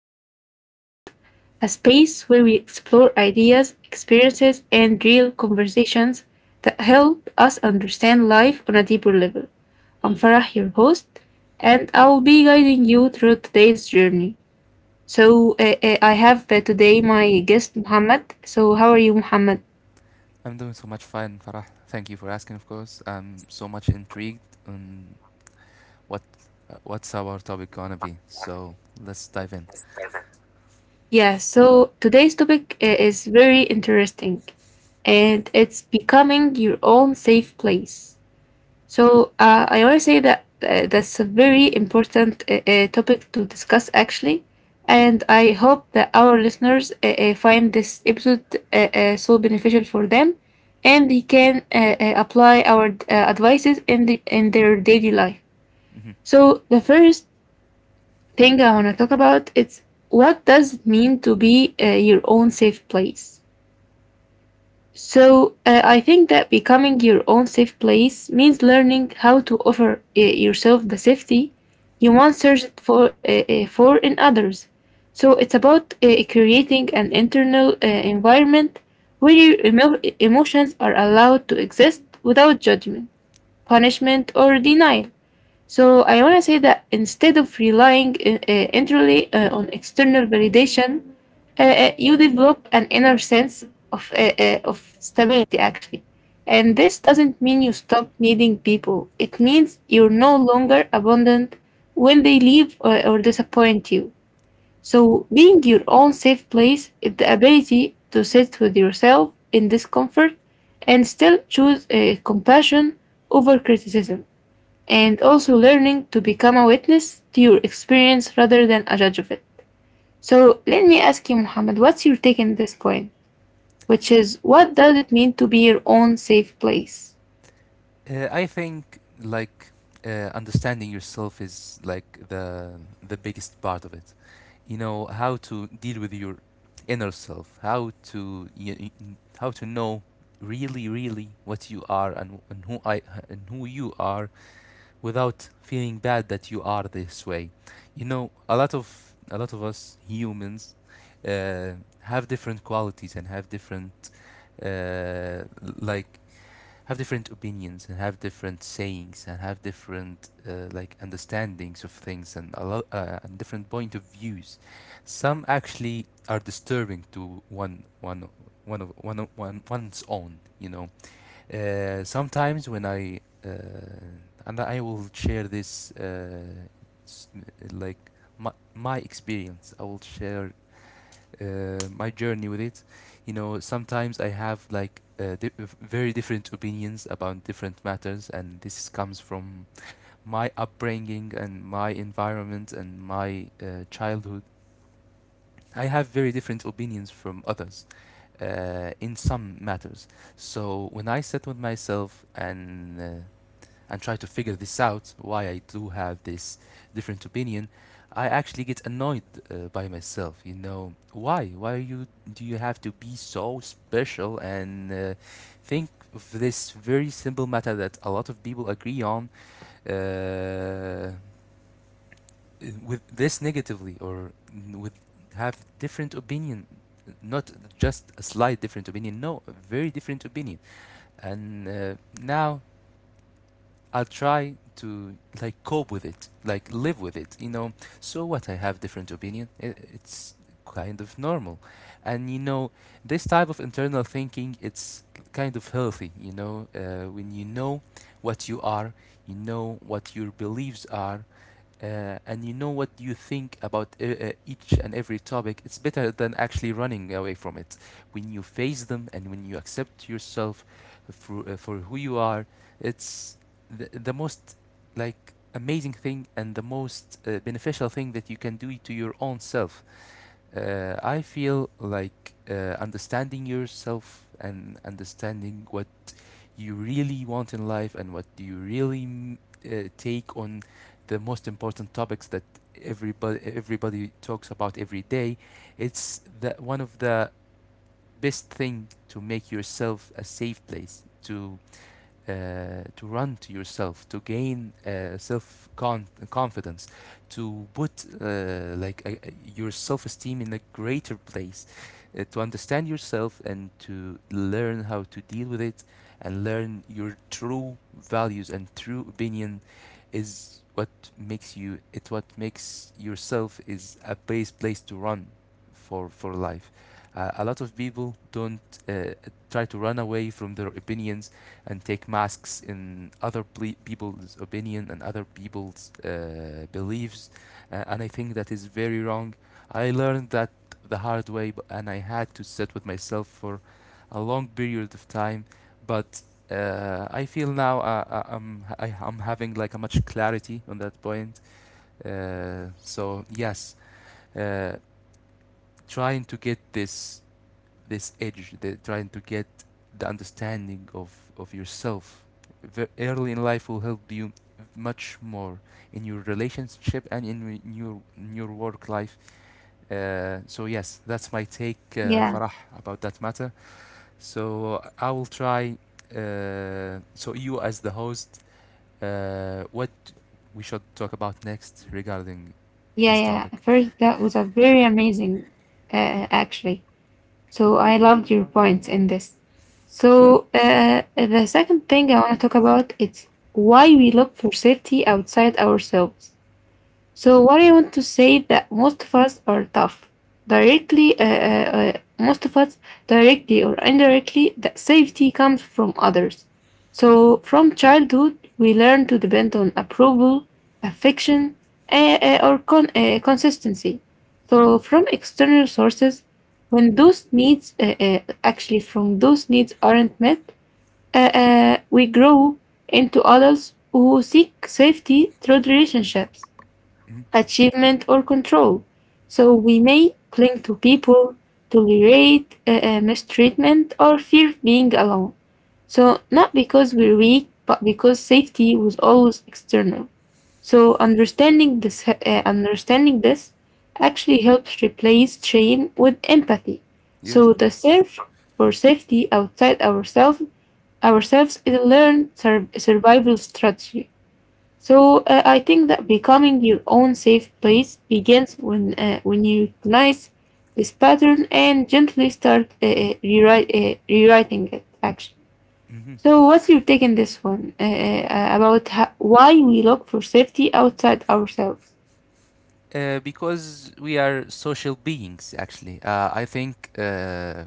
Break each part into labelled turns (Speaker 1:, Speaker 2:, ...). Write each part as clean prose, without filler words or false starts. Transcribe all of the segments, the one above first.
Speaker 1: of our podcast, a space where we explore ideas, experiences, and real conversations that help us understand life on a deeper level. I'm Farah, your host, and I'll be guiding you through today's journey. So, I have today my guest, Muhammad. So, how are you, Muhammad?
Speaker 2: I'm doing so much fine, Farah. Thank you for asking, of course. I'm so much intrigued on what what's our topic gonna be. So let's dive in.
Speaker 1: Yeah, so today's topic is very interesting, and it's becoming your own safe place. So I always say that that's a very important topic to discuss, actually. And I hope that our listeners find this episode so beneficial for them, and they can apply our advices in their daily life.
Speaker 2: Mhm,
Speaker 1: So the first thing I want to talk about is, what does it mean to be your own safe place? So, I think that becoming your own safe place means learning how to offer yourself the safety you once searched for, for in others. So, it's about creating an internal environment where your emotions are allowed to exist without judgment, punishment, or denial. So I want to say that instead of relying entirely on external validation, you develop an inner sense of stability actually.
Speaker 2: mhm.
Speaker 1: And this doesn't mean you stop needing people. It means you're no longer abandoned when they leave or disappoint you. So being your own safe place is the ability to sit with yourself in discomfort and still choose compassion over criticism, and also learning to become a witness to your experience rather than a judge of it. So let me ask you, Muhammad, what's your take on this point? Which is, what does it mean to be your own safe place?
Speaker 2: I think like understanding yourself is like the biggest part of it. You know how to deal with your inner self, how to how to know really, really what you are and who I and who you are without feeling bad that you are this way. You know, a lot of us humans uh, have different qualities and have different uh, like have different opinions and have different sayings and have different understandings of things and a lot and different point of views. Some actually are disturbing to one one one of one of one one's own. You know, sometimes when I and I will share this s- like my, my experience. I will share my journey with it. You know, sometimes I have like very different opinions about different matters, and this comes from my upbringing and my environment and my childhood. I have very different opinions from others in some matters. So when I sat with myself and try to figure this out, why I do have this different opinion, I actually get annoyed by myself. You know, why? Why are you? Do you have to be so special and think of this very simple matter that a lot of people agree on uh, with this negatively, or with have different opinion? Not just a slight different opinion. No, a very different opinion. And now I'll try to like cope with it, like live with it. You know, so what? I have different opinion. I it's kind of normal, and you know, this type of internal thinking, it's kind of healthy. You know, when you know what you are, you know what your beliefs are, and you know what you think about each and every topic, it's better than actually running away from it. When you face them and when you accept yourself for who you are, it's the most like amazing thing and the most beneficial thing that you can do to your own self. I feel like understanding yourself and understanding what you really want in life and what do you really take on the most important topics that everybody talks about every day, it's the one of the best thing to make yourself a safe place to run to yourself, to gain self confidence, to put your self esteem in a greater place, to understand yourself and to learn how to deal with it and learn your true values and true opinion is what makes you it what makes yourself is a base place to run for life. A lot of people don't uh, try to run away from their opinions and take masks in other people's opinion and other people's beliefs, and I think that is very wrong. I learned that the hard way, and I had to sit with myself for a long period of time. But I feel now I'm having like a much clarity on that point. So yes, uh, trying to get this edge, the trying to get the understanding of yourself early in life will help you much more in your relationship and in your work life. So yes, that's my take,
Speaker 1: Yeah,
Speaker 2: Farah, about that matter. So I will try. So you as the host, what we should talk about next regarding
Speaker 1: yeah,
Speaker 2: this
Speaker 1: yeah.
Speaker 2: topic?
Speaker 1: First, that was a very amazing, actually. So I loved your points in this. So the second thing I want to talk about is why we look for safety outside ourselves. So what I want to say, that most of us are tough, directly. Most of us, directly or indirectly, that safety comes from others. So from childhood, we learn to depend on approval, affection, or consistency. So from external sources, when those needs, actually from those needs aren't met, we grow into adults who seek safety through relationships,
Speaker 2: Hmm.
Speaker 1: achievement, or control. So we may cling to people, tolerate mistreatment, or fear being alone. So not because we're weak, but because safety was always external. So understanding this actually helps replace shame with empathy.
Speaker 2: Yes,
Speaker 1: So
Speaker 2: of
Speaker 1: the
Speaker 2: course.
Speaker 1: search for safety outside ourselves is a learned survival strategy. So I think that becoming your own safe place begins when you recognize this pattern and gently start rewriting it. Actually,
Speaker 2: Hmm.
Speaker 1: so what's your take on this one about why we look for safety outside ourselves?
Speaker 2: Because we are social beings, actually. I think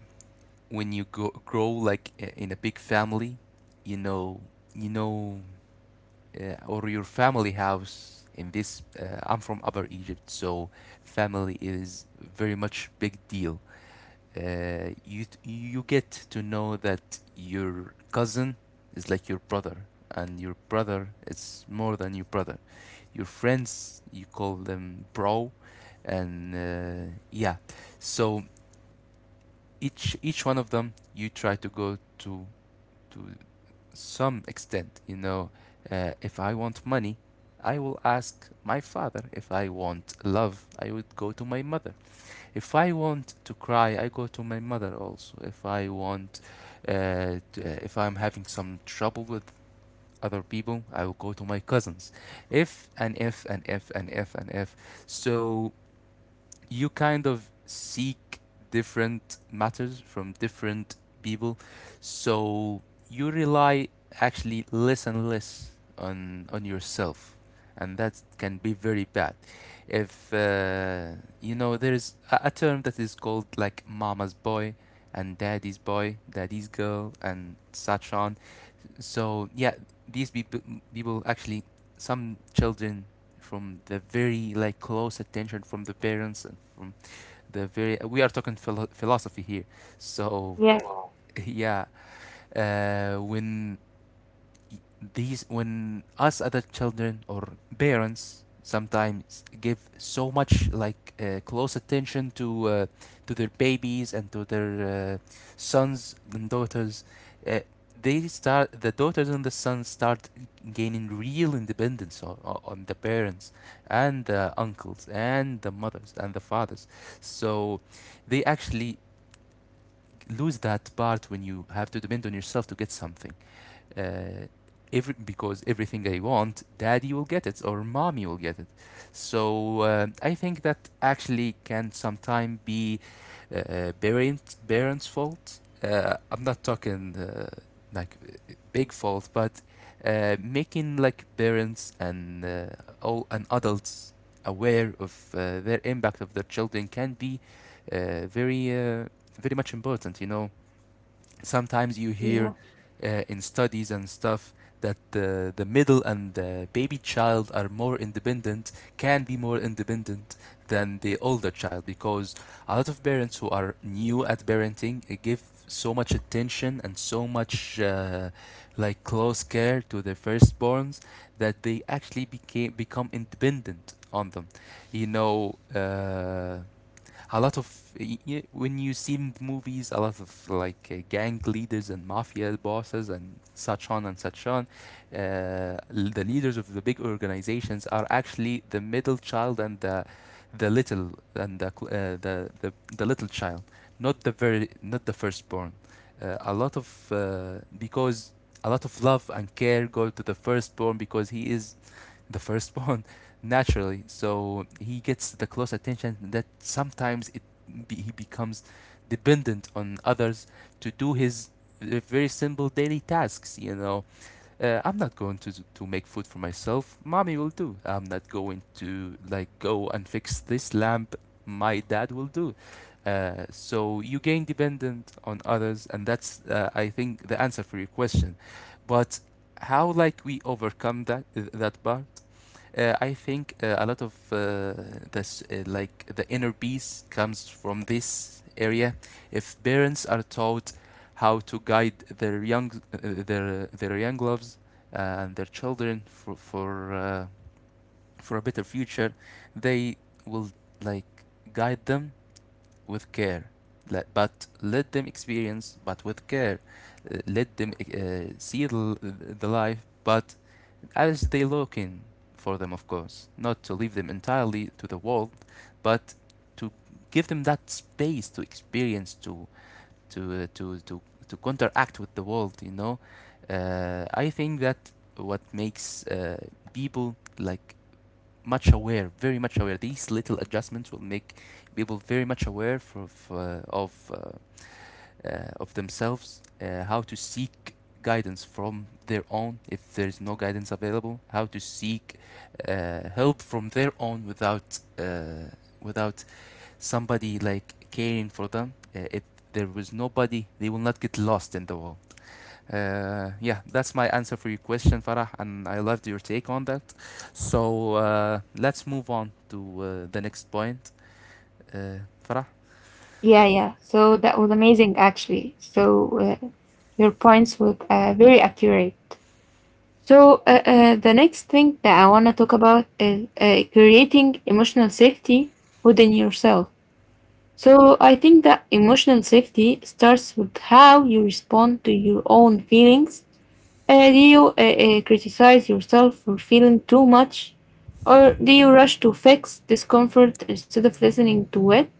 Speaker 2: when you grow like in a big family, you know, you know, or your family house. In this, I'm from Upper Egypt, so family is very much big deal. You you get to know that your cousin is like your brother, and your brother is more than your brother, your friends you call them bro, and yeah. So each one of them you try to go to some extent, you know, if I want money, I will ask my father. If I want love, I would go to my mother. If I want to cry, I go to my mother also. If I want if I'm having some trouble with other people, I will go to my cousins. If and if and if and if and if. So you kind of seek different matters from different people. So you rely actually less and less on yourself. And that can be very bad. If you know, there is a term that is called like mama's boy and daddy's boy, daddy's girl, and such on. So yeah, these people actually, some children, from the very like close attention from the parents and from the very, we are talking philosophy here. So
Speaker 1: Yeah,
Speaker 2: yeah, when these, when us other children or parents sometimes give so much like close attention to their babies and to their sons and daughters, uh, they start, the daughters and the sons start gaining real independence on the parents and the uncles and the mothers and the fathers. So they actually lose that part when you have to depend on yourself to get something. uh, every, because everything I want, daddy will get it or mommy will get it. So I think that actually can sometimes be parents' fault. I'm not talking like big fault, but making like parents and all and adults aware of their impact of their children can be uh, very uh, very much important. You know, sometimes you hear
Speaker 1: yeah,
Speaker 2: in studies and stuff that the middle and the baby child are more independent, can be more independent than the older child, because a lot of parents who are new at parenting give so much attention and so much close care to their firstborns that they actually became become independent on them. You know, a lot of y- when you see in the movies a lot of like gang leaders and mafia bosses and such on and such on, uh, the leaders of the big organizations are actually the middle child and the little and the cl- the little child, not the very, not the firstborn. uh, a lot of uh, because a lot of love and care go to the firstborn because he is the firstborn, naturally. So he gets the close attention that sometimes he becomes dependent on others to do his very simple daily tasks. You know, I'm not going to make food for myself. Mommy will do. I'm not going to like go and fix this lamp. My dad will do. So you gain dependent on others, and that's I think the answer for your question. But how like we overcome that that bar? I think a lot of this, like the inner peace comes from this area. If parents are taught how to guide their young, their young loves uh, and their children for for a better future, they will like guide them with care. Let, but let them experience, but with care. Let them see the life, but as they looking for them, of course, not to leave them entirely to the world, but to give them that space to experience, to to uh, to to to counteract with the world. You know, I think that what makes people like much aware, very much aware. These little adjustments will make people very much aware for, of themselves, how to seek guidance from their own if there's no guidance available, how to seek help from their own without without somebody like caring for them. If there was nobody, they will not get lost in the world. Yeah, that's my answer for your question, Farah, and I loved your take on that. So let's move on to the next point. Uh, Farah,
Speaker 1: yeah. So that was amazing, actually. So your points were very accurate. So the next thing that I want to talk about is creating emotional safety within yourself. So I think that emotional safety starts with how you respond to your own feelings. Do you criticize yourself for feeling too much, or do you rush to fix discomfort instead of listening to it?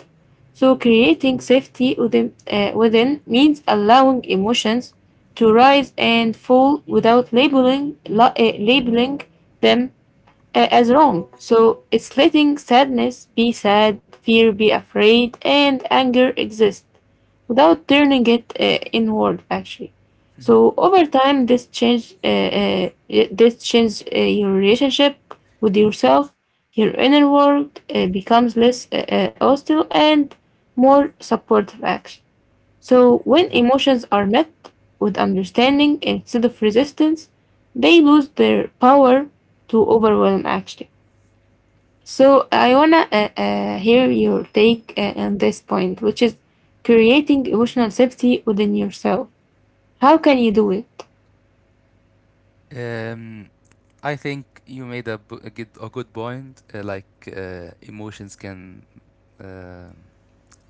Speaker 1: So, creating safety within means allowing emotions to rise and fall without labeling them as wrong. So it's letting sadness be sad, fear be afraid, and anger exist without turning it inward actually. So over time, this change your relationship with yourself. Your inner world becomes less hostile and more supportive actually. So, when emotions are met with understanding instead of resistance, they lose their power to overwhelm action. So, I wanna hear your take on this point, which is creating emotional safety within yourself. How can you do it?
Speaker 2: Um, I think you made a good point. Like emotions can uh,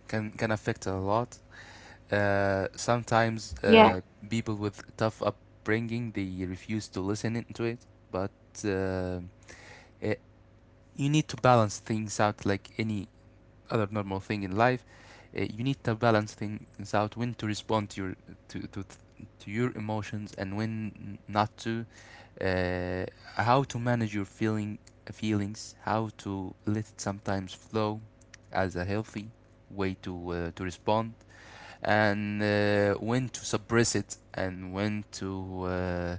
Speaker 2: can affect a lot. Sometimes
Speaker 1: Yeah,
Speaker 2: people with tough upbringing, they refuse to listen into it. But uh, eh, you need to balance things out like any other normal thing in life. You need to balance things out when to respond to your to to, to your emotions and when not to, uh, how to manage your feelings, how to let it sometimes flow, as a healthy way to respond, and when to suppress it and when to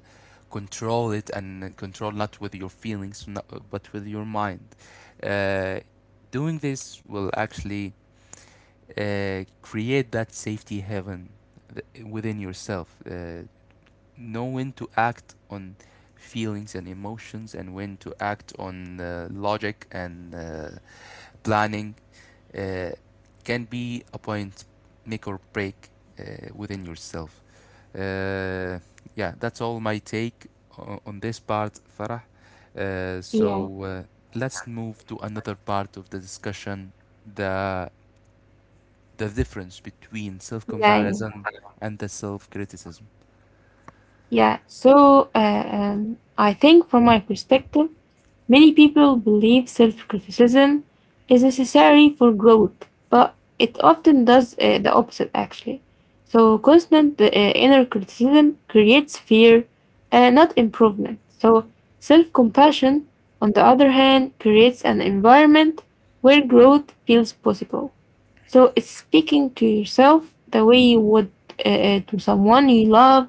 Speaker 2: control it, and control not with your feelings but with your mind. uh, Doing this will actually create that safety heaven within yourself. Know when to act on feelings and emotions and when to act on logic and planning uh, can be a point, make or break, uh, within yourself. Uh, yeah, that's all my take on this part, Farah. Uh,
Speaker 1: yeah,
Speaker 2: so uh, let's move to another part of the discussion: the the difference between
Speaker 1: yeah.
Speaker 2: self-comparison and the self-criticism.
Speaker 1: Yeah, so I think from my perspective, many people believe self-criticism is necessary for growth, but it often does the opposite actually. So constant inner criticism creates fear, not improvement. So self-compassion, on the other hand, creates an environment where growth feels possible. So it's speaking to yourself the way you would, to someone you love,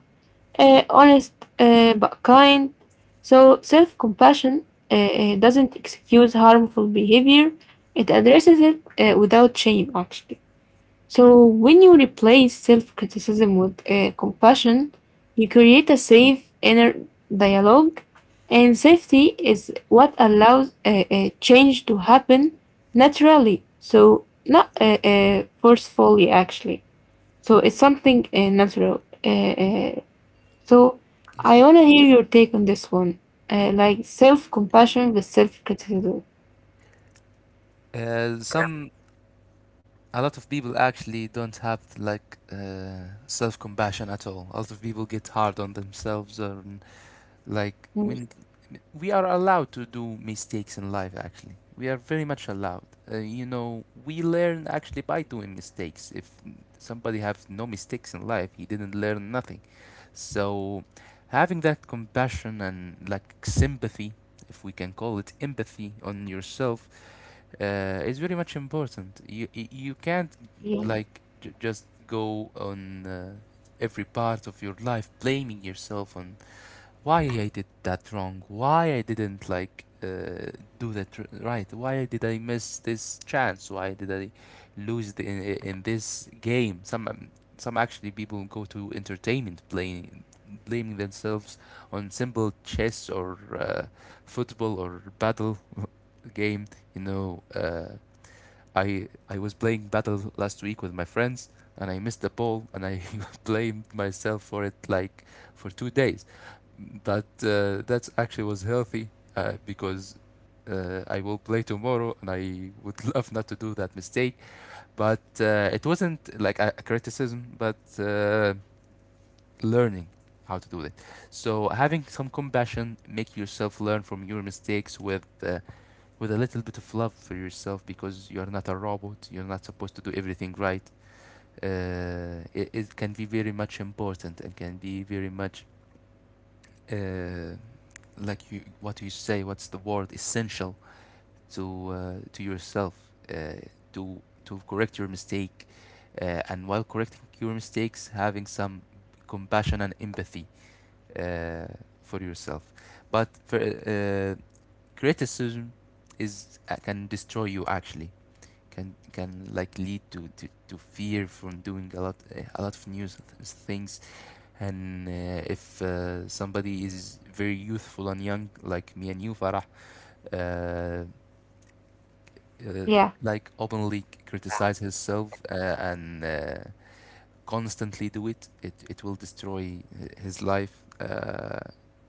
Speaker 1: honest, but kind. So self compassion doesn't excuse harmful behavior, it addresses it without shame, actually. So when you replace self criticism with compassion, you create a safe inner dialogue, and safety is what allows change to happen naturally, so not forcefully, actually. So it's something natural. Uh, so
Speaker 2: Yes.
Speaker 1: I want to hear your take on this one, like self-compassion with self-criticism.
Speaker 2: Some A lot of people actually don't have like self-compassion at all. A lot of people get hard on themselves, or like
Speaker 1: Mm.
Speaker 2: when we are allowed to do mistakes in life, actually, we are very much allowed. You know, we learn actually by doing mistakes. If somebody have no mistakes in life, he didn't learn nothing. So, having that compassion and like sympathy, if we can call it empathy, on yourself uh, is very much important. You can't
Speaker 1: Yeah,
Speaker 2: like just go on every part of your life blaming yourself on why I did that wrong, why I didn't like do that right, why did I miss this chance, why did I lose in this game? Some actually people go to entertainment playing, blaming themselves on simple chess or football or battle game. You know, I was playing battle last week with my friends and I missed the ball and I blamed myself for it like for 2 days. That that actually was healthy because I will play tomorrow and I would love not to do that mistake. But it wasn't like a criticism, but learning how to do it. So having some compassion, make yourself learn from your mistakes with a little bit of love for yourself, because you are not a robot. You're not supposed to do everything right. It can be very much important and can be very much uh, like, you what you say, what's the word, essential to yourself uh, to correct your mistake, and while correcting your mistakes having some compassion and empathy uh, for yourself. But for, criticism is can destroy you, actually. Can like lead to fear from doing a lot, a lot of new things. And if somebody is very youthful and young like me and you, Farah, uh, uh,
Speaker 1: yeah,
Speaker 2: like openly criticize himself and constantly do it, it will destroy his life.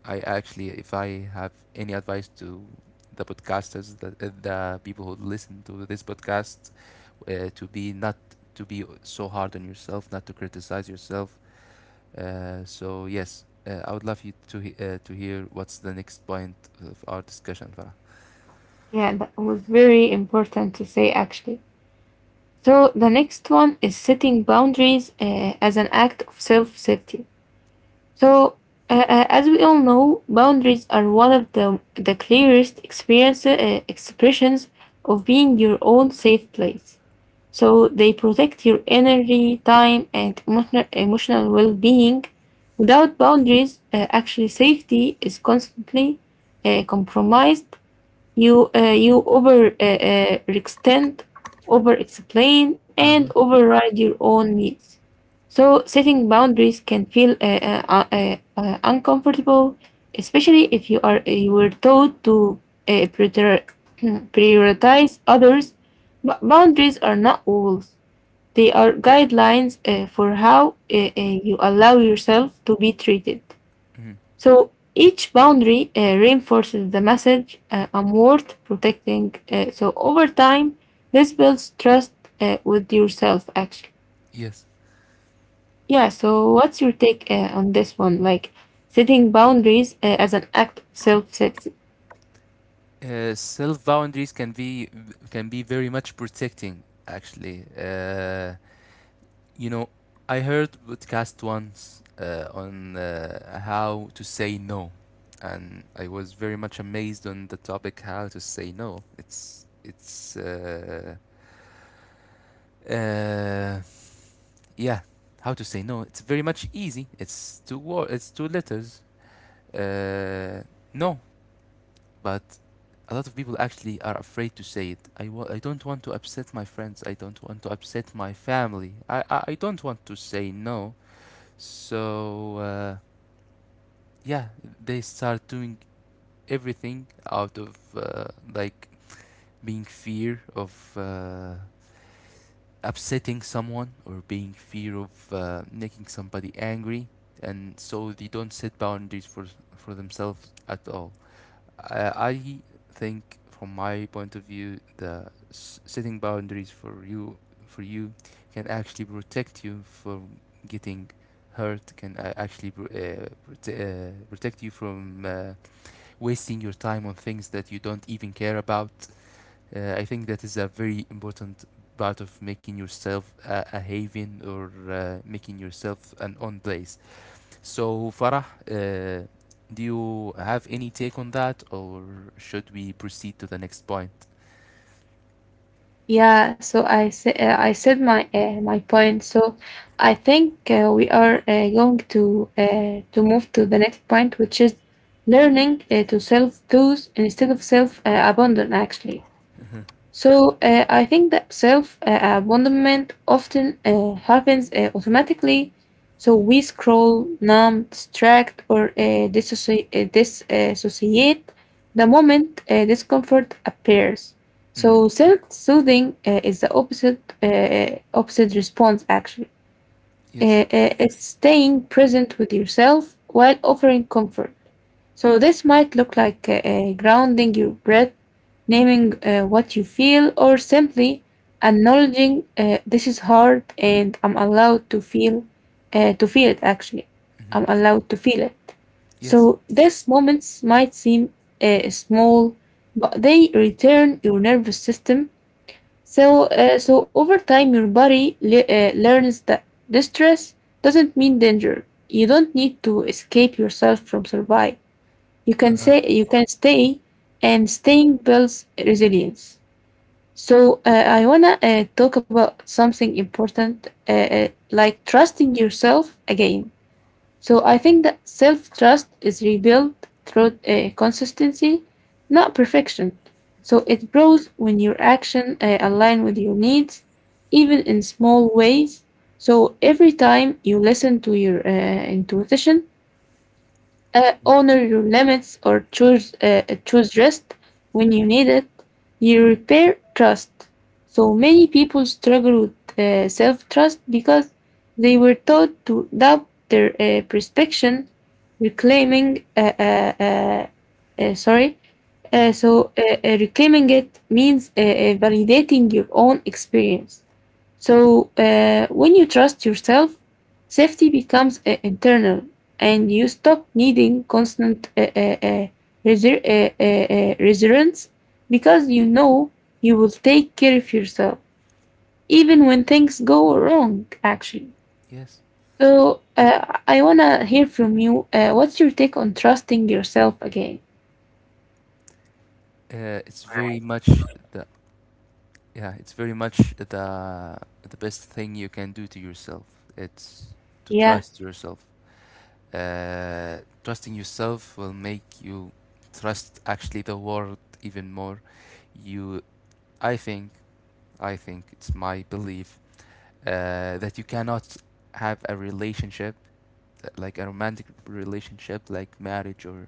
Speaker 2: I actually, if I have any advice to the podcasters, the people who listen to this podcast, to be not to be so hard on yourself, not to criticize yourself. So yes, I would love you to to hear what's the next point of our discussion, Farah.
Speaker 1: yeah. That was very important to say actually. So the next one is setting boundaries as an act of self-safety. So as we all know, boundaries are one of the clearest experience expressions of being your own safe place. So they protect your energy, time, and emotional well being. Without boundaries, actually, safety is constantly compromised. You over extend, over explain, and
Speaker 2: Uh-huh.
Speaker 1: override your own needs. So, setting boundaries can feel uncomfortable, especially if you were taught to uh, prior- prioritize others, but boundaries are not walls. They are guidelines for how you allow yourself to be treated.
Speaker 2: Mhm.
Speaker 1: So each boundary reinforces the message, I'm worth protecting. So over time, this builds trust with yourself, actually.
Speaker 2: Yes.
Speaker 1: Yeah, so what's your take on this one? Like setting boundaries as an act of self.
Speaker 2: Self boundaries can be, can be very much protecting, actually. You know, I heard podcast once on how to say no, and I was very much amazed on the topic. How to say no, it's uh, yeah, how to say no, it's very much easy, it's two words, it's two letters, uh, no. But a lot of people actually are afraid to say it. I don't want to upset my friends. I don't want to upset my family. I don't want to say no. So, yeah, they start doing everything out of like being fear of upsetting someone, or being fear of making somebody angry. And so they don't set boundaries for themselves at all. I think, from my point of view, the setting boundaries for you, for you can actually protect you from getting hurt. Can actually protect you from wasting your time on things that you don't even care about. I think that is a very important part of making yourself a haven, or making yourself an own place. So, Farah, uh, do you have any take on that, or should we proceed to the next point?
Speaker 1: Yeah, so I sa I said my my point. So I think we are going to move to the next point, which is learning to self-soothe instead of self-abandon, actually. So I think that self abandonment often happens automatically. So we scroll, numb, distract, or disassociate the moment discomfort appears.
Speaker 2: Hmm.
Speaker 1: So self-soothing is the opposite response actually.
Speaker 2: Yes.
Speaker 1: It's staying present with yourself while offering comfort. So this might look like grounding your breath, naming what you feel, or simply acknowledging, this is hard and I'm allowed to feel it actually.
Speaker 2: Hmm.
Speaker 1: I'm allowed to feel it.
Speaker 2: Yes.
Speaker 1: So these moments might seem small, but they return your nervous system. So so over time, your body learns that distress doesn't mean danger. You don't need to escape yourself from survive, you can
Speaker 2: Uh,
Speaker 1: say, you can stay, and staying builds resilience. So I want to talk about something important, like trusting yourself again. So I think that self trust is rebuilt through consistency, not perfection. So it grows when your action align with your needs, even in small ways. So every time you listen to your intuition,
Speaker 2: y-
Speaker 1: honor your limits, or choose choose rest when you need it, you repair trust. So many people struggle with self trust because they were taught to doubt their perception, reclaiming sorry
Speaker 2: mm.
Speaker 1: so reclaiming it means validating your own experience. So when you trust yourself, safety becomes internal, and you stop needing constant reassurance because you know you will take care of yourself even when things go wrong. Actually,
Speaker 2: Yes.
Speaker 1: so I wanna hear from you. What's your take on trusting yourself again?
Speaker 2: It's very much the yeah, it's very much the best thing you can do to yourself. It's to
Speaker 1: Yeah,
Speaker 2: trust yourself. Trusting yourself will make you trust actually the world even more. You, I think, I think it's my belief that you cannot have a relationship like a romantic relationship, like marriage or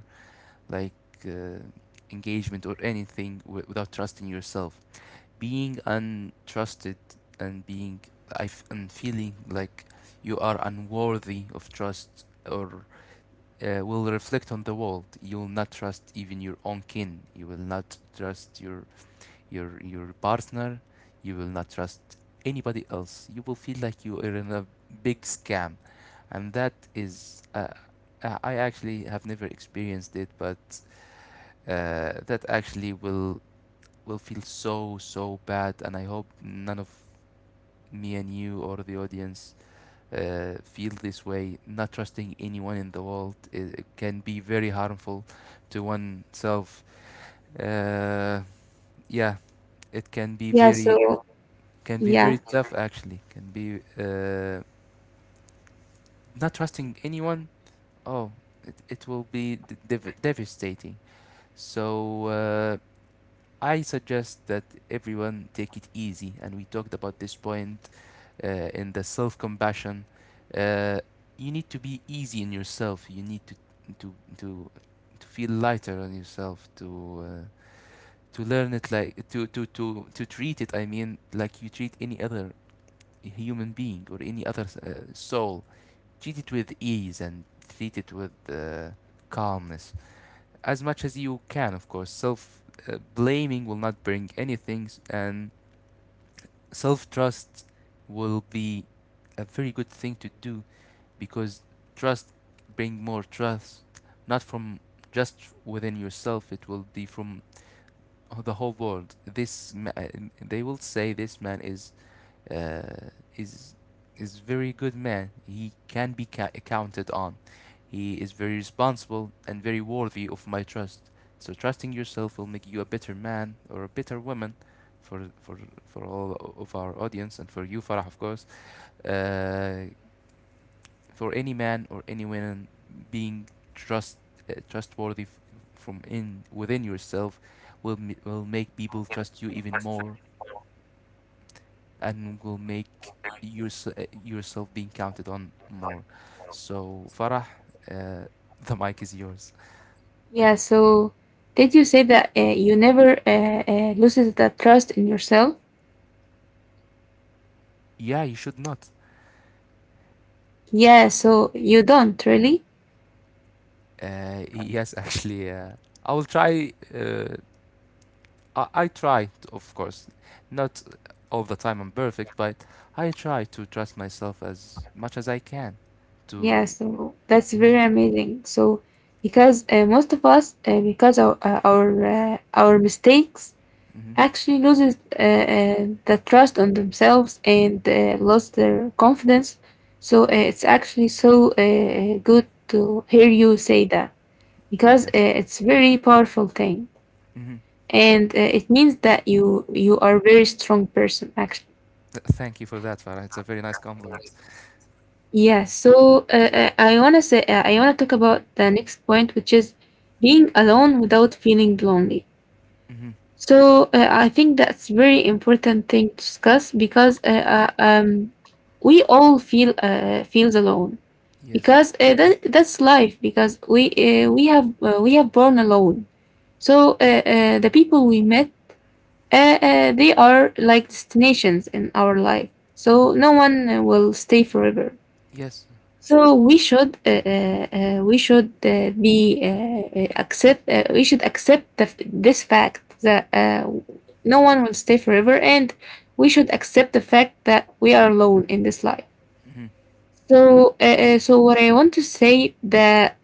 Speaker 2: like uh, engagement or anything without trusting yourself. Being untrusted and being I f- and feeling like you are unworthy of trust or will reflect on the world. You will not trust even your own kin, you will not trust your your partner, you will not trust anybody else. You will feel like you are in a big scam, and that is I actually have never experienced it, but that actually will feel so so bad, and I hope none of me and you or the audience feel this way, not trusting anyone in the world. It can be very harmful to oneself. uh, yeah, it can be
Speaker 1: yeah.
Speaker 2: very,
Speaker 1: So
Speaker 2: can be
Speaker 1: yeah.
Speaker 2: very tough, actually. Can be not trusting anyone. Oh, it will be devastating. So I suggest that everyone take it easy. And we talked about this point in the self-compassion. uh, you need to be easy in yourself, you need to to to, to feel lighter on yourself, to learn it, like to, to treat it, I mean, like you treat any other human being or any other soul, treat it with ease and treat it with calmness as much as you can, of course. Self blaming will not bring anything, and self trust will be a very good thing to do, because trust bring more trust, not from just within yourself. It will be from the whole world. They will say this man is uh, is is very good man. He can be counted on. He is very responsible and very worthy of my trust. So trusting yourself will make you a better man or a better woman for all of our audience and for you, Farah, of course. Uh, for any man or any woman being trust trustworthy from in within yourself will will make people trust you even more, and will make yourself being counted on more. So, Farah, uh, the mic is yours.
Speaker 1: Yeah, so did you say that you never loses the trust in yourself?
Speaker 2: Yeah, you should not.
Speaker 1: Yeah, so you don't really?
Speaker 2: Yes, actually, I will try. I try, of course, not all the time I'm perfect, but I try to trust myself as much as I can.
Speaker 1: Yeah,
Speaker 2: To
Speaker 1: so that's
Speaker 2: Mhm.
Speaker 1: very amazing. So because most of us, because our mistakes
Speaker 2: Hmm.
Speaker 1: actually loses the trust on themselves and lost their confidence. So it's actually so good to hear you say that because
Speaker 2: Yes.
Speaker 1: it's very powerful thing.
Speaker 2: Hmm.
Speaker 1: And it means that you are a very strong person actually.
Speaker 2: Th- thank you for that, Farah. It's a very nice compliment.
Speaker 1: Yeah, so I want to say, I want to talk about the next point, which is being alone without feeling lonely.
Speaker 2: Hmm.
Speaker 1: So I think that's very important thing to discuss because we all feel, feels alone
Speaker 2: Yes.
Speaker 1: because that, that's life. Because we have, we have born alone. So the people we met, they are like destinations in our life, so no one will stay forever.
Speaker 2: Yes.
Speaker 1: So we should be accept we should accept this fact that no one will stay forever, and we should accept the fact that we are alone in this life.
Speaker 2: Hmm.
Speaker 1: So what I want to say that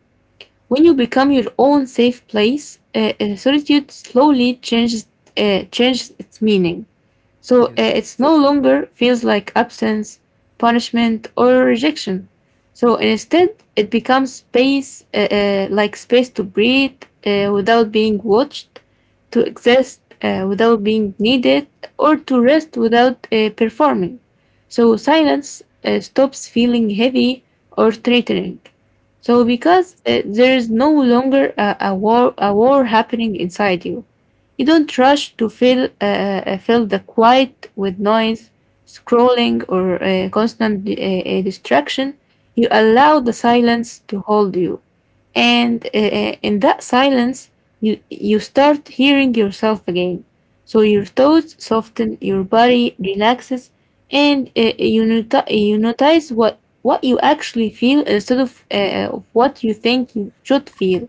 Speaker 1: when you become your own safe place, solitude slowly changes changes its meaning. So
Speaker 2: Yes.
Speaker 1: it's no longer feels like absence, punishment, or rejection. So instead, it becomes space, like space to breathe without being watched, to exist without being needed, or to rest without performing. So silence stops feeling heavy or threatening. So
Speaker 2: Yes.
Speaker 1: because there is no longer a war happening inside you. You don't rush to fill fill the quiet with noise, scrolling, or constant distraction. You allow the silence to hold you, and in that silence, you start hearing yourself again. So your thoughts soften, your body relaxes, and you not you notice what you actually feel instead of what you think you should feel.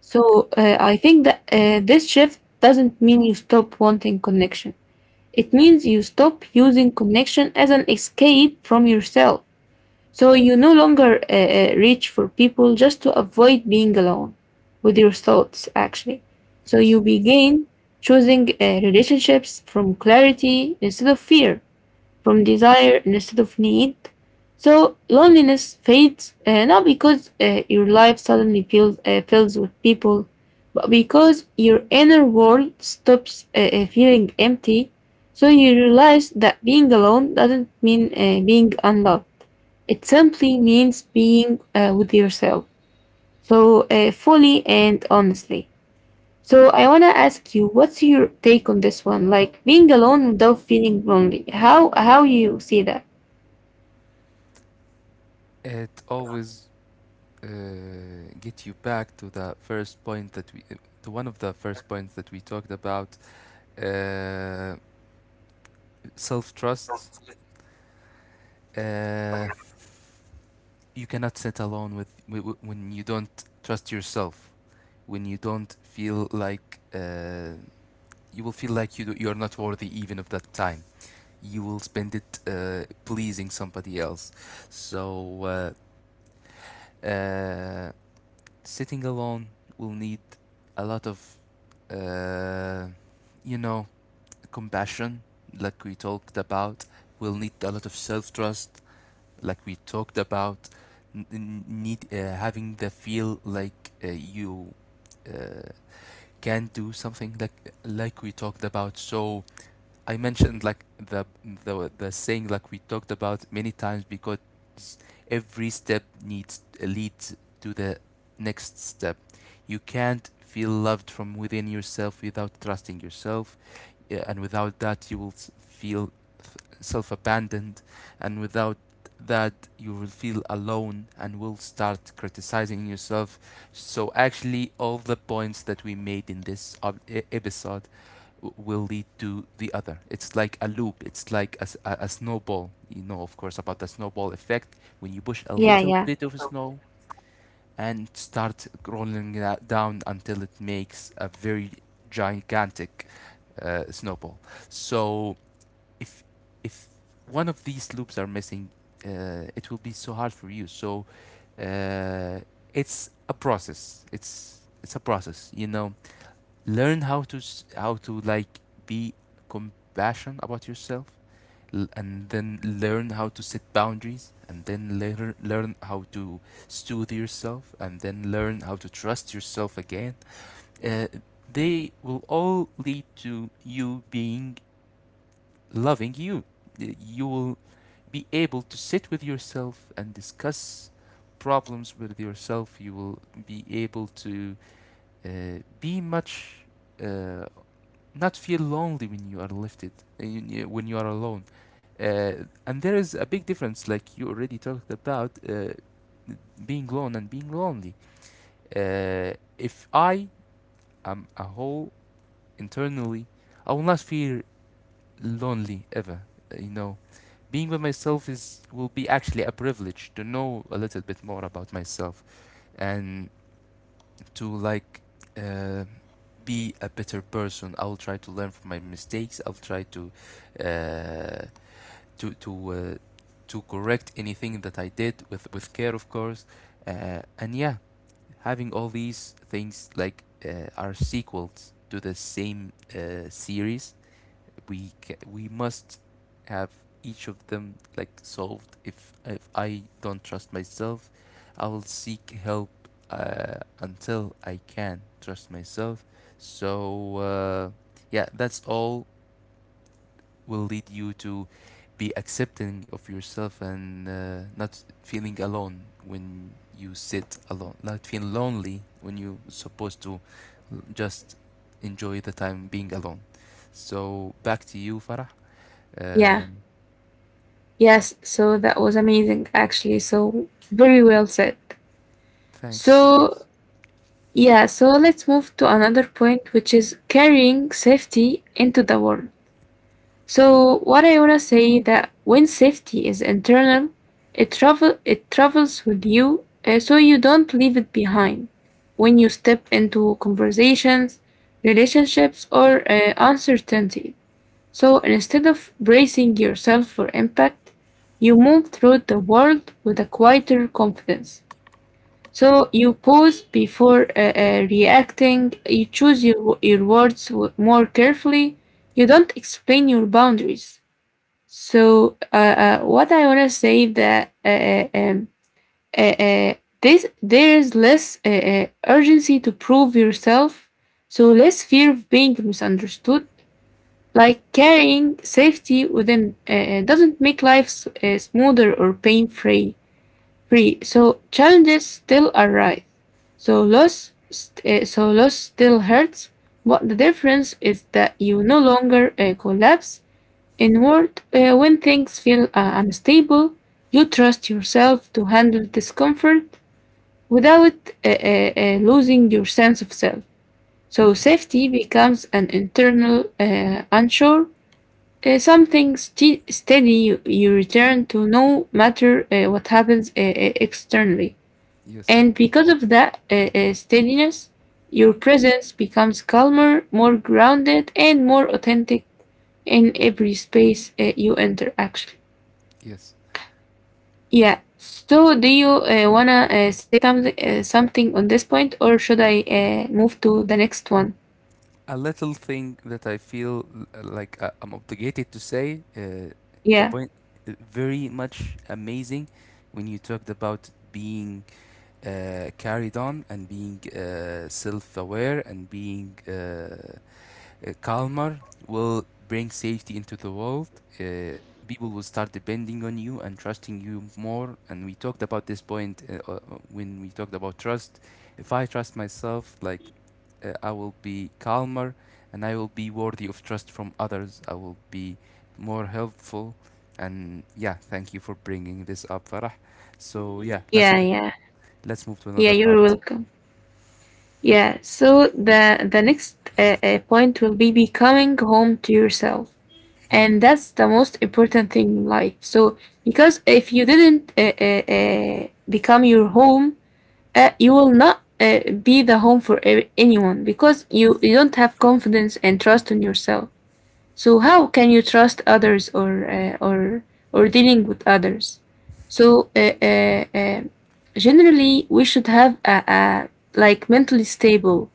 Speaker 1: So I think that this shift doesn't mean you stop wanting connection. It means you stop using connection as an escape from yourself. So you no longer reach for people just to avoid being alone with your thoughts, actually. So you
Speaker 2: Yes,
Speaker 1: begin choosing relationships from clarity instead of fear from desire instead of need. So loneliness fades not because your life suddenly feels fills with people, but because your inner world stops feeling empty. So you realize that being alone doesn't mean being unloved. It simply means being with yourself. So fully and honestly. So I want to ask you, what's your take on this one? Like being alone without feeling lonely. How you see that?
Speaker 2: it always uh, get you back to the first point that we, to one of the first points that we talked about, uh, self-trust. Uh, you cannot sit alone with when you don't trust yourself, when you don't feel like you will feel like you do, you're not worthy even of that time. You will spend it pleasing somebody else. So uh, uh, sitting alone will need a lot of, uh, you know, compassion, like we talked about. Will need a lot of self trust, like we talked about. Need having the feel like you uh, can do something, like we talked about. So I mentioned like the saying, like we talked about many times, because every step needs leads to the next step. You can't feel loved from within yourself without trusting yourself, yeah, and without that you will feel self abandoned, and without that you will feel alone and will start criticizing yourself. So actually, all the points that we made in this episode will lead to the other. It's like a loop. It's like a snowball. You know, of course, about the snowball effect. When you push a
Speaker 1: Yeah,
Speaker 2: little
Speaker 1: yeah,
Speaker 2: bit of snow and start rolling that down until it makes a very gigantic snowball. So if if one of these loops are missing, it will be so hard for you. So uh, it's a process. It's a process. Learn how to how to be compassionate about yourself and then learn how to set boundaries and then later learn how to soothe yourself and then learn how to trust yourself again. uh, they will all lead to you being loving you. You will be able to sit with yourself and discuss problems with yourself. You will be able to be much uh, not feel lonely when you are lifted, when you are alone. uh, and there is a big difference, like you already talked about, being alone and being lonely. If I am a whole internally, I will not feel lonely ever. uh, you know Being with myself is will be actually a privilege to know a little bit more about myself, and to like uh, be a better person. I will try to learn from my mistakes. I'll try to uh, to uh, to correct anything that I did with care, of course. And yeah, having all these things, like are sequels to the same series, we must have each of them like solved. If I don't trust myself, I will seek help until I can trust myself. So uh, yeah, that's all. Will lead you to be accepting of yourself and not feeling alone when you sit alone. Not feel lonely when you're supposed to just enjoy the time being alone. So back to you, Farah. Uh,
Speaker 1: yeah. Yes, so that was amazing actually. So very well said.
Speaker 2: Thanks.
Speaker 1: So yeah, so let's move to another point, which is carrying safety into the world. So what I wanna say that when safety is internal, it travels with you, so you don't leave it behind. When you step into conversations, relationships, or uncertainty, so instead of bracing yourself for impact, you move through the world with a quieter confidence. So you pause before reacting. You choose your words more carefully. You don't explain your boundaries. So what I want to say that uh, uh, this there is less urgency to prove yourself, so less fear of being misunderstood. Like carrying safety within doesn't make life smoother or pain free. Free. So challenges still arise. So loss still hurts. But the difference is that you no longer collapse inward. When things feel unstable, you trust yourself to handle discomfort without losing your sense of self. So safety becomes an internal unsure, something steady you return to no matter what happens externally.
Speaker 2: Yes.
Speaker 1: And because of that steadiness, your presence becomes calmer, more grounded, and more authentic in every space you enter, actually.
Speaker 2: Yes.
Speaker 1: Yeah. So, do you wanna say something something on this point, or should I move to the next one?
Speaker 2: A little thing that I feel like I'm obligated to say, the
Speaker 1: Yeah.
Speaker 2: point very much amazing when you talked about being carried on and being self-aware and being Kalmar will bring safety into the world. Uh, People will start depending on you and trusting you more. And we talked about this point when we talked about trust. If I trust myself, like I will be calmer and I will be worthy of trust from others. I will be more helpful. And yeah, thank you for bringing this up, Farah. So yeah,
Speaker 1: Yeah.
Speaker 2: let's move.
Speaker 1: Yeah.
Speaker 2: Let's move to
Speaker 1: Yeah.
Speaker 2: another
Speaker 1: You're
Speaker 2: part.
Speaker 1: welcome. Yeah. So the next point will be becoming home to yourself. And that's the most important thing in life, so because if you didn't become your home you will not be the home for anyone because you don't have confidence and trust in yourself. So how can you trust others or or dealing with others? So generally, we should have a like mentally stable,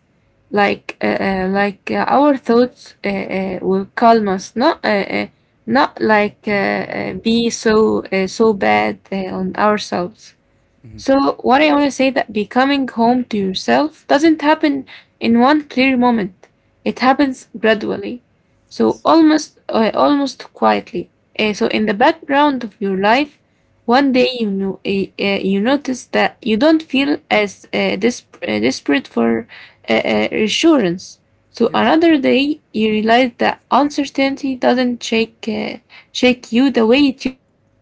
Speaker 1: like our thoughts will calm us, not like be so so bad on ourselves.
Speaker 2: Hmm.
Speaker 1: So, what I want to say that becoming home to yourself doesn't happen in one clear moment. It happens gradually. So,
Speaker 2: Yes.
Speaker 1: almost almost quietly. So, in the background of your life, one day you know you notice that you don't feel as desperate for reassurance. So,
Speaker 2: Yes.
Speaker 1: another day you realize that uncertainty doesn't shake shake you the way it used to.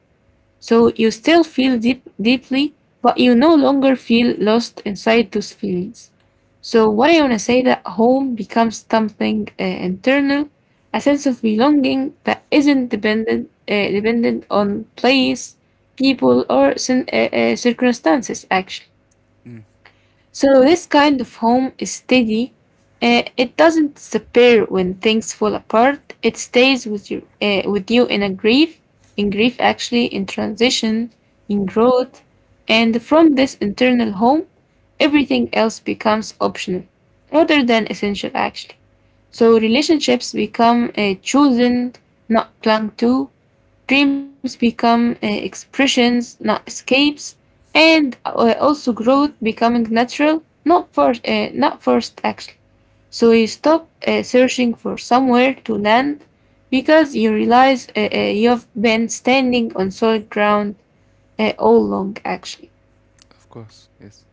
Speaker 1: So you still feel deeply, but you no longer feel lost inside those feelings. So what I want to say that home becomes something internal, a sense of belonging that isn't dependent dependent on place, people, or circumstances. Actually.
Speaker 2: Mm,
Speaker 1: So this kind of home is steady. It doesn't disappear when things fall apart. It stays with you, in a grief, in grief actually, in transition, in growth, and from this internal home, everything else becomes optional rather than essential actually. So relationships become chosen, not clung to. Dreams become expressions, not escapes, and also growth becoming natural, not forced actually. So you stop searching for somewhere to land because you realize you've been standing on solid ground all along actually.
Speaker 2: of course. Yes.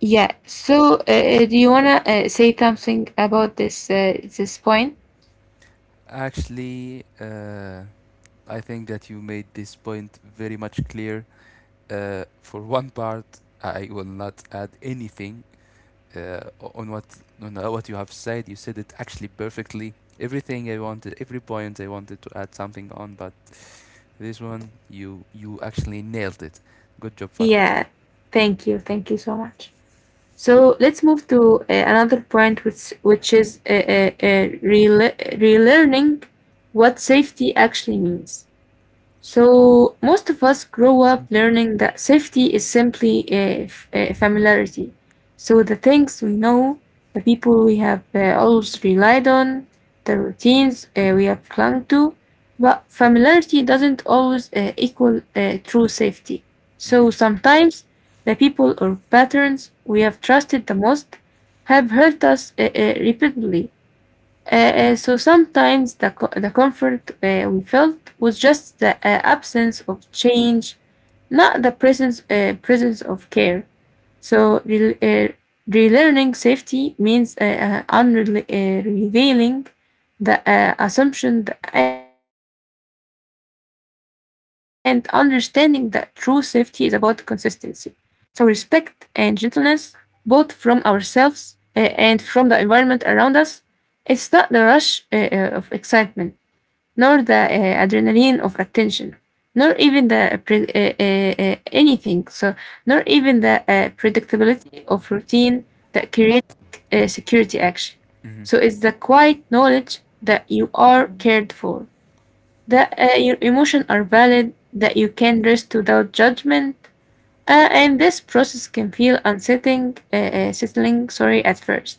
Speaker 1: Yeah. So do you wanna say something about this point?
Speaker 2: Actually, I think that you made this point very much clear. For one part, I will not add anything on what you have said. You said it actually perfectly. Everything I wanted, every point I wanted to add something on, but this one you actually nailed it. Good job, Farah.
Speaker 1: Yeah. Thank you. Thank you so much. So let's move to another point, which is relearning what safety actually means. So most of us grow up learning that safety is simply a familiarity. So the things we know, the people we have always relied on, the routines we have clung to, but familiarity doesn't always equal true safety.
Speaker 2: Mm-hmm.
Speaker 1: So sometimes the people or patterns we have trusted the most have hurt us repeatedly. Uh, so sometimes the comfort we felt was just the absence of change, not the presence, presence of care. So relearning safety means revealing the assumption and understanding that true safety is about consistency. So respect and gentleness, both from ourselves and from the environment around us, it's not the rush of excitement, nor the adrenaline of attention, nor even the anything. So nor even the predictability of routine that create security action.
Speaker 2: Mm-hmm.
Speaker 1: So it's the quiet knowledge that you are cared for, that your emotions are valid, that you can rest without judgment, and this process can feel settling, sorry, at first.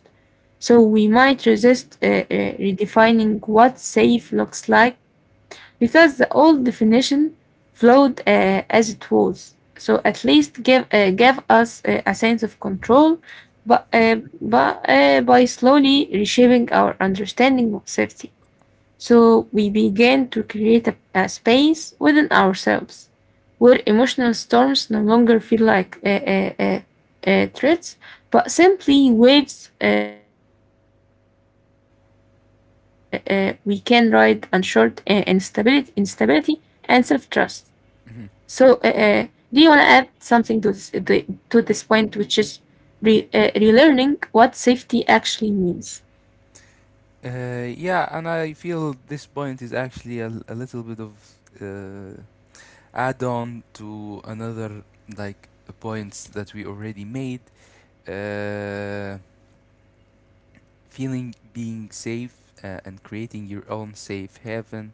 Speaker 1: So we might resist redefining what safe looks like because the old definition flowed as it was. So at least give gave us a sense of control, but by slowly reshaping our understanding of safety. So we began to create a space within ourselves where emotional storms no longer feel like threats, but simply waves we can ride and short instability and self trust. So, do
Speaker 2: Mm-hmm.
Speaker 1: you want to add something to to this point, which is relearning what safety actually means?
Speaker 2: Yeah, and I feel this point is actually a, a little bit of uh, add on to another like points that we already made. uh, Feeling being safe and creating your own safe haven,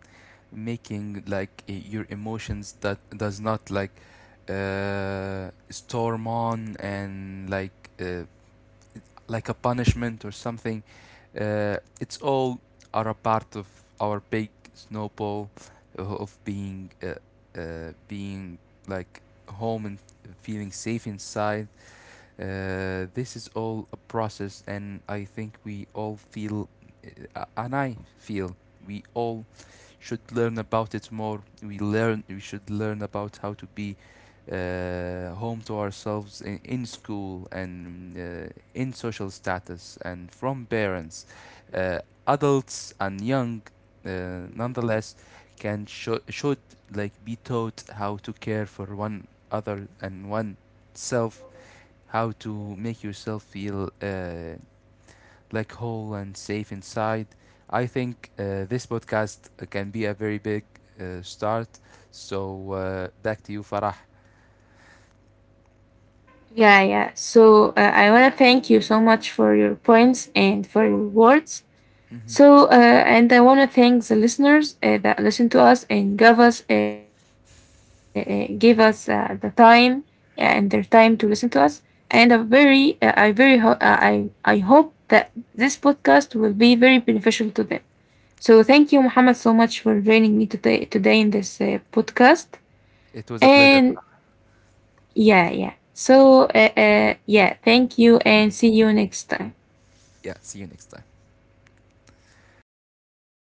Speaker 2: making like your emotions that does not like storm on and like a punishment or something. It's all are a part of our big snowball of being being like home and feeling safe inside. This is all a process, and I think we all feel, and I feel we all should learn about it more. We should learn about how to be home to ourselves in school and in social status and from parents. Uh, Adults and young, nonetheless, can should like be taught how to care for one other and oneself, how to make yourself feel black hole and safe inside. I think this podcast can be a very big start. So back to you, Farah.
Speaker 1: Yeah, yeah. So I want to thank you so much for your points and for your words.
Speaker 2: Mhm.
Speaker 1: So and I want to thank the listeners that listened to us and gave us the time and their time to listen to us. And a very I very ho- I hope that this podcast will be very beneficial to them. So thank you, Muhammad, so much for joining me today in this podcast.
Speaker 2: It was a pleasure,
Speaker 1: And
Speaker 2: Farah.
Speaker 1: yeah, yeah. So, yeah, thank you and see you next time.
Speaker 2: Yeah, see you next time.